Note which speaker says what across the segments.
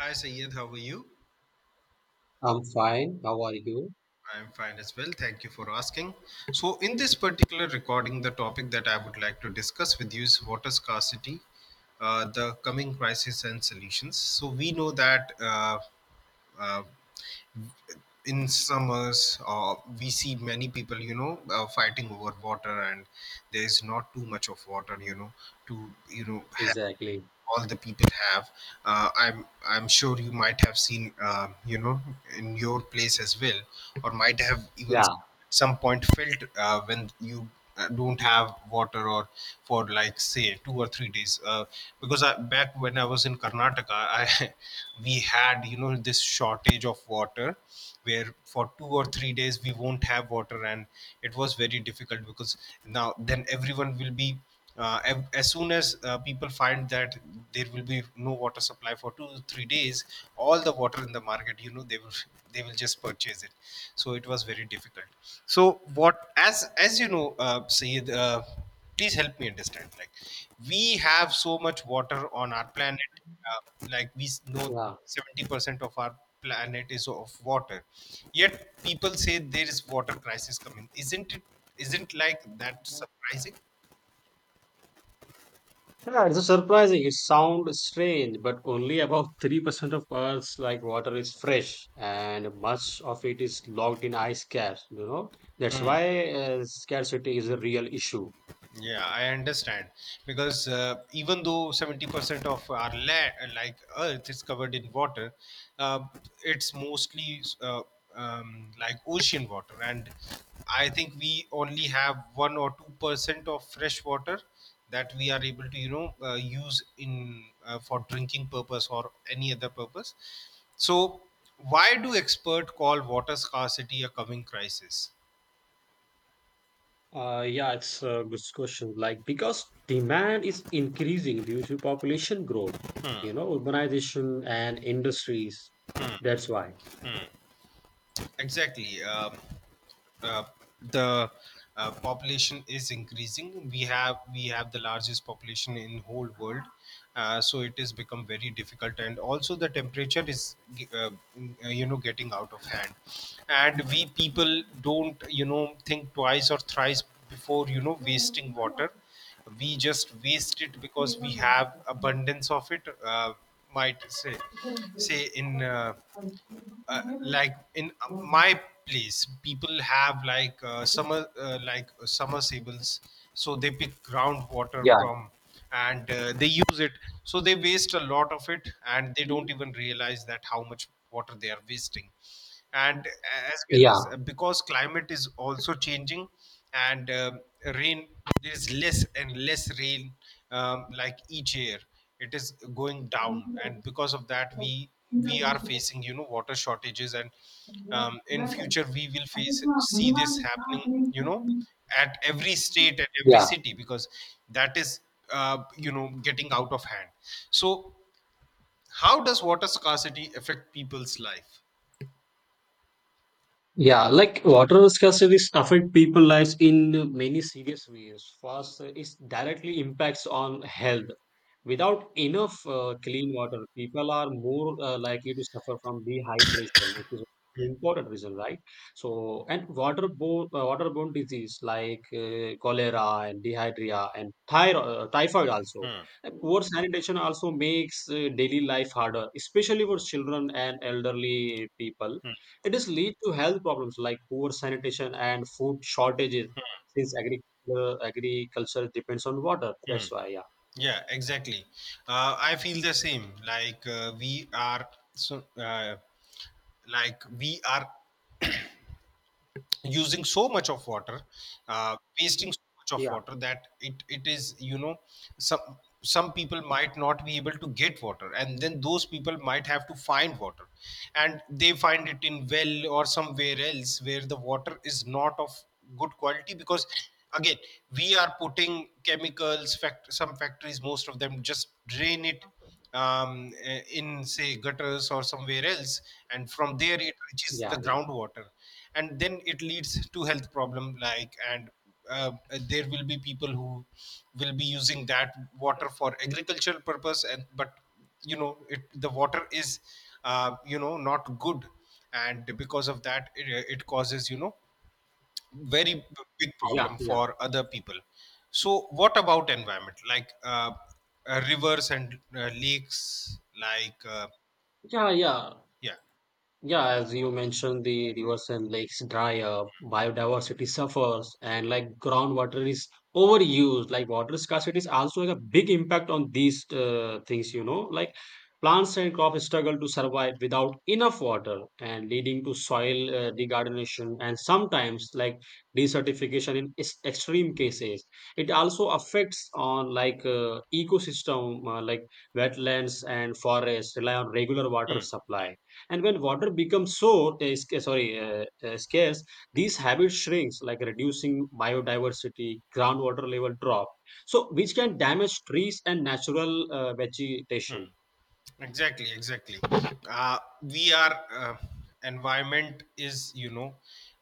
Speaker 1: Hi Sayed, how are you?
Speaker 2: I'm fine. How are you?
Speaker 1: I'm fine as well. Thank you for asking. So, in this particular recording, the topic that I would like to discuss with you is water scarcity, the coming crisis and solutions. So, we know that uh, in summers, we see many people, fighting over water, and there is not too much of water, to have
Speaker 2: Exactly.
Speaker 1: all the people have. I'm sure you might have seen, in your place as well, or might have even
Speaker 2: Yeah.
Speaker 1: some point felt when you don't have water or for like say 2 or 3 days. Because I, back when I was in Karnataka, I we had this shortage of water where for 2 or 3 days we won't have water, and it was very difficult because now then everyone will be as soon as people find that there will be no water supply for 2 to 3 days, all the water in the market, they will just purchase it. So it was very difficult. So what, as you know, Sayed, please help me understand, like, we have so much water on our planet, uh, like know
Speaker 2: Yeah.
Speaker 1: 70% of our planet is of water, yet people say there is water crisis coming, isn't it? Isn't like that surprising?
Speaker 2: Yeah, it's surprising. It sounds strange, but only about 3% of Earth's like water is fresh, and much of it is locked in ice caps, you know. That's why scarcity is a real issue.
Speaker 1: Yeah, I understand because, even though 70% of our land, like Earth, is covered in water, uh, it's mostly like ocean water, and I think we only have 1 or 2 percent of fresh water that we are able to, use in for drinking purpose or any other purpose. So, why do experts call water scarcity a coming crisis?
Speaker 2: Yeah, it's a good question. Like, because demand is increasing due to population growth, you know, urbanization and industries. That's why.
Speaker 1: Exactly. Uh, the Population is increasing. We have the largest population in whole world, so it has become very difficult. And also the temperature is uh, you know, getting out of hand, and we people don't, you know, think twice or thrice before, you know, wasting water. We just waste it because we have abundance of it. Might say say in. Like in my place people have like, summer, like submersibles, so they pick groundwater
Speaker 2: Yeah,
Speaker 1: from, and they use it, so they waste a lot of it and they don't even realize that how much water they are wasting. And as well as,
Speaker 2: yeah,
Speaker 1: because climate is also changing, and rain, there's less and less rain, like each year it is going down, and because of that we are facing, you know, water shortages. And in future we will face see this happening, you know, at every state, at every
Speaker 2: yeah.
Speaker 1: city, because that is you know, getting out of hand. So how does water scarcity affect people's life?
Speaker 2: Yeah, like water scarcities affect people lives in many serious ways. First, it directly impacts on health. Without enough clean water, people are more likely to suffer from dehydration. It is an important reason, right? So, and waterborne disease like cholera and dehydria and thyro typhoid also. And poor sanitation also makes daily life harder, especially for children and elderly people it is lead to health problems like poor sanitation and food shortages since agriculture depends on water.
Speaker 1: Hmm.
Speaker 2: That's why, yeah.
Speaker 1: Yeah, exactly. I feel the same. Like, we are so, like we are using so much of water, wasting so much of
Speaker 2: Yeah,
Speaker 1: water, that it is, you know, some some people might not be able to get water, and then those people might have to find water, and they find it in well or somewhere else where the water is not of good quality. Because, again, we are putting chemicals, fact some factories, most of them just drain it, in say gutters or somewhere else, and from there it reaches
Speaker 2: yeah,
Speaker 1: the
Speaker 2: yeah,
Speaker 1: groundwater, and then it leads to health problem, like, and uh, there will be people who will be using that water for agricultural purpose, and but, you know, it, the water is, you know, not good, and because of that it causes, you know, very big
Speaker 2: yeah,
Speaker 1: problem
Speaker 2: yeah,
Speaker 1: for other people. So what about environment, like, rivers and lakes, like
Speaker 2: yeah, yeah.
Speaker 1: yeah.
Speaker 2: Yeah, as you mentioned, the rivers and lakes dry up, biodiversity suffers, and like groundwater is overused. Like water scarcity is also like a big impact on these things, you know. Like plants and crops struggle to survive without enough water, and leading to soil degradation and sometimes like desertification in extreme cases. It also affects on like ecosystem, like wetlands and forests rely on regular water
Speaker 1: Hmm.
Speaker 2: supply and when water becomes so eh, sca- eh, sorry scarce. These habits shrinks like reducing biodiversity, groundwater level drop, so which can damage trees and natural vegetation.
Speaker 1: Exactly, exactly. We are Environment is, you know,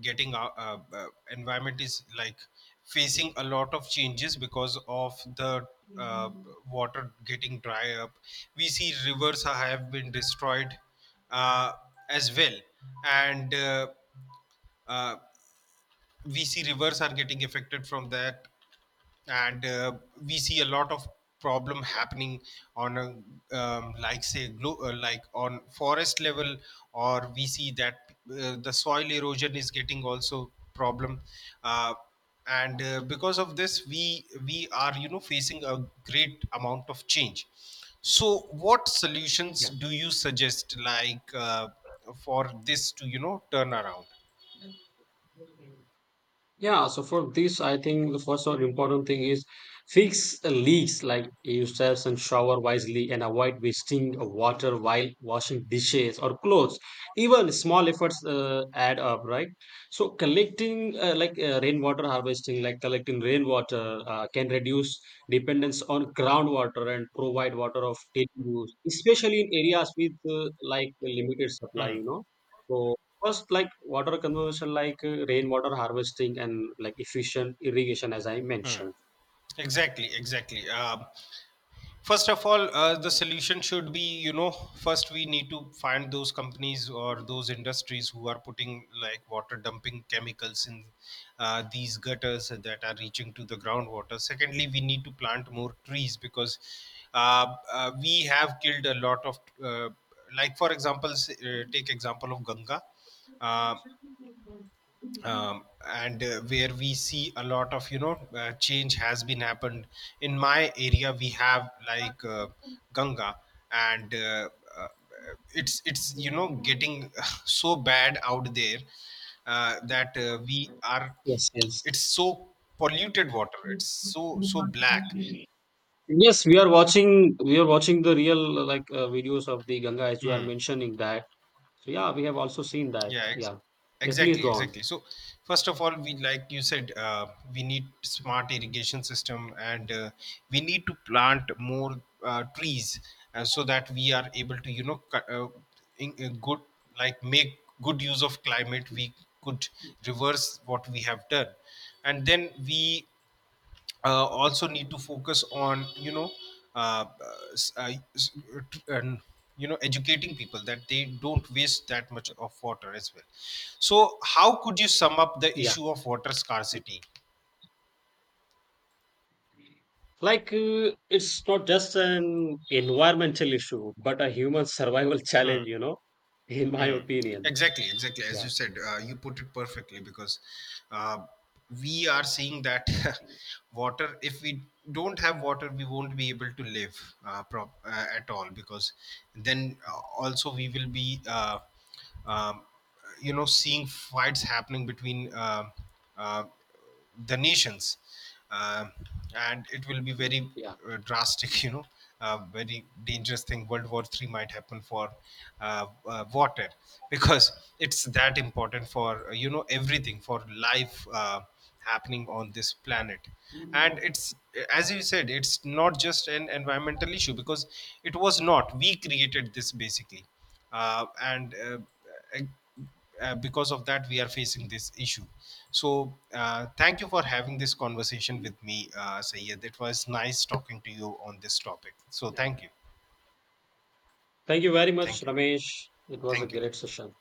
Speaker 1: getting our environment is like facing a lot of changes because of the uh, water getting dry up. We see rivers have been destroyed, uh, as well, and uh, we see rivers are getting affected from that, and we see a lot of problem happening on a, like say, like on forest level, or we see that the soil erosion is getting also problem, uh, and because of this, we are, you know, facing a great amount of change. So, what solutions
Speaker 2: Yeah.
Speaker 1: do you suggest, like for this to, you know, turn around?
Speaker 2: Yeah, so for this, I think the first or important thing is fix the leaks like yourselves and shower wisely and avoid wasting of water while washing dishes or clothes. Even small efforts add up, right? So collecting like rainwater harvesting, like collecting rainwater can reduce dependence on groundwater and provide water of daily use, especially in areas with like limited supply,
Speaker 1: Hmm.
Speaker 2: you know. So first, like water conservation, like rainwater harvesting and like efficient irrigation, as I
Speaker 1: Hmm.
Speaker 2: mentioned.
Speaker 1: Exactly, exactly. First of all, the solution should be, you know, first we need to find those companies or those industries who are putting, like, water dumping chemicals in these gutters that are reaching to the groundwater. Secondly, we need to plant more trees because we have killed a lot of, uh, like, for example, take example of Ganga. Uh, and Where we see a lot of, you know, change has been happened. In my area we have like, Ganga, and uh, it's you know, getting so bad out there, that we are,
Speaker 2: Yes, yes.
Speaker 1: it's so polluted water, it's so so black.
Speaker 2: Yes, we are watching. We are watching the real like videos of the Ganga as you are
Speaker 1: Hmm.
Speaker 2: mentioning that. So, yeah, we have also seen that.
Speaker 1: Yeah, ex-
Speaker 2: Yeah, yeah. Please
Speaker 1: exactly,
Speaker 2: go on.
Speaker 1: exactly. So, first of all, we, like you said, we need smart irrigation system, and we need to plant more trees, so that we are able to, you know, cut, good, like, make good use of climate. We could reverse what we have done, and then we also need to focus on, you know, uh, s- uh, s- and, you know, educating people that they don't waste that much of water as well. So how could you sum up the
Speaker 2: Yeah,
Speaker 1: issue of water scarcity?
Speaker 2: like it's not just an environmental issue, but a human survival
Speaker 1: Hmm.
Speaker 2: challenge. You know, in my
Speaker 1: Hmm.
Speaker 2: opinion.
Speaker 1: Exactly, exactly. As you
Speaker 2: Yeah,
Speaker 1: said, you put it perfectly because uh, we are seeing that water, if we don't have water, we won't be able to live at all, because then also we will be, um, you know, seeing fights happening between uh, the nations, uh, and it will be very
Speaker 2: yeah,
Speaker 1: drastic, you know, very dangerous thing. World war 3 might happen for uh, water, because it's that important for, you know, everything, for life happening on this planet. And it's, as you said, it's not just an environmental issue, because it was not, we created this basically, uh, and because of that we are facing this issue. So thank you for having this conversation with me, Sayed. It was nice talking to you on this topic, so
Speaker 2: yeah.
Speaker 1: thank you.
Speaker 2: Thank you very much,
Speaker 1: Thank you.
Speaker 2: Ramesh. It was a
Speaker 1: Thank you.
Speaker 2: great session.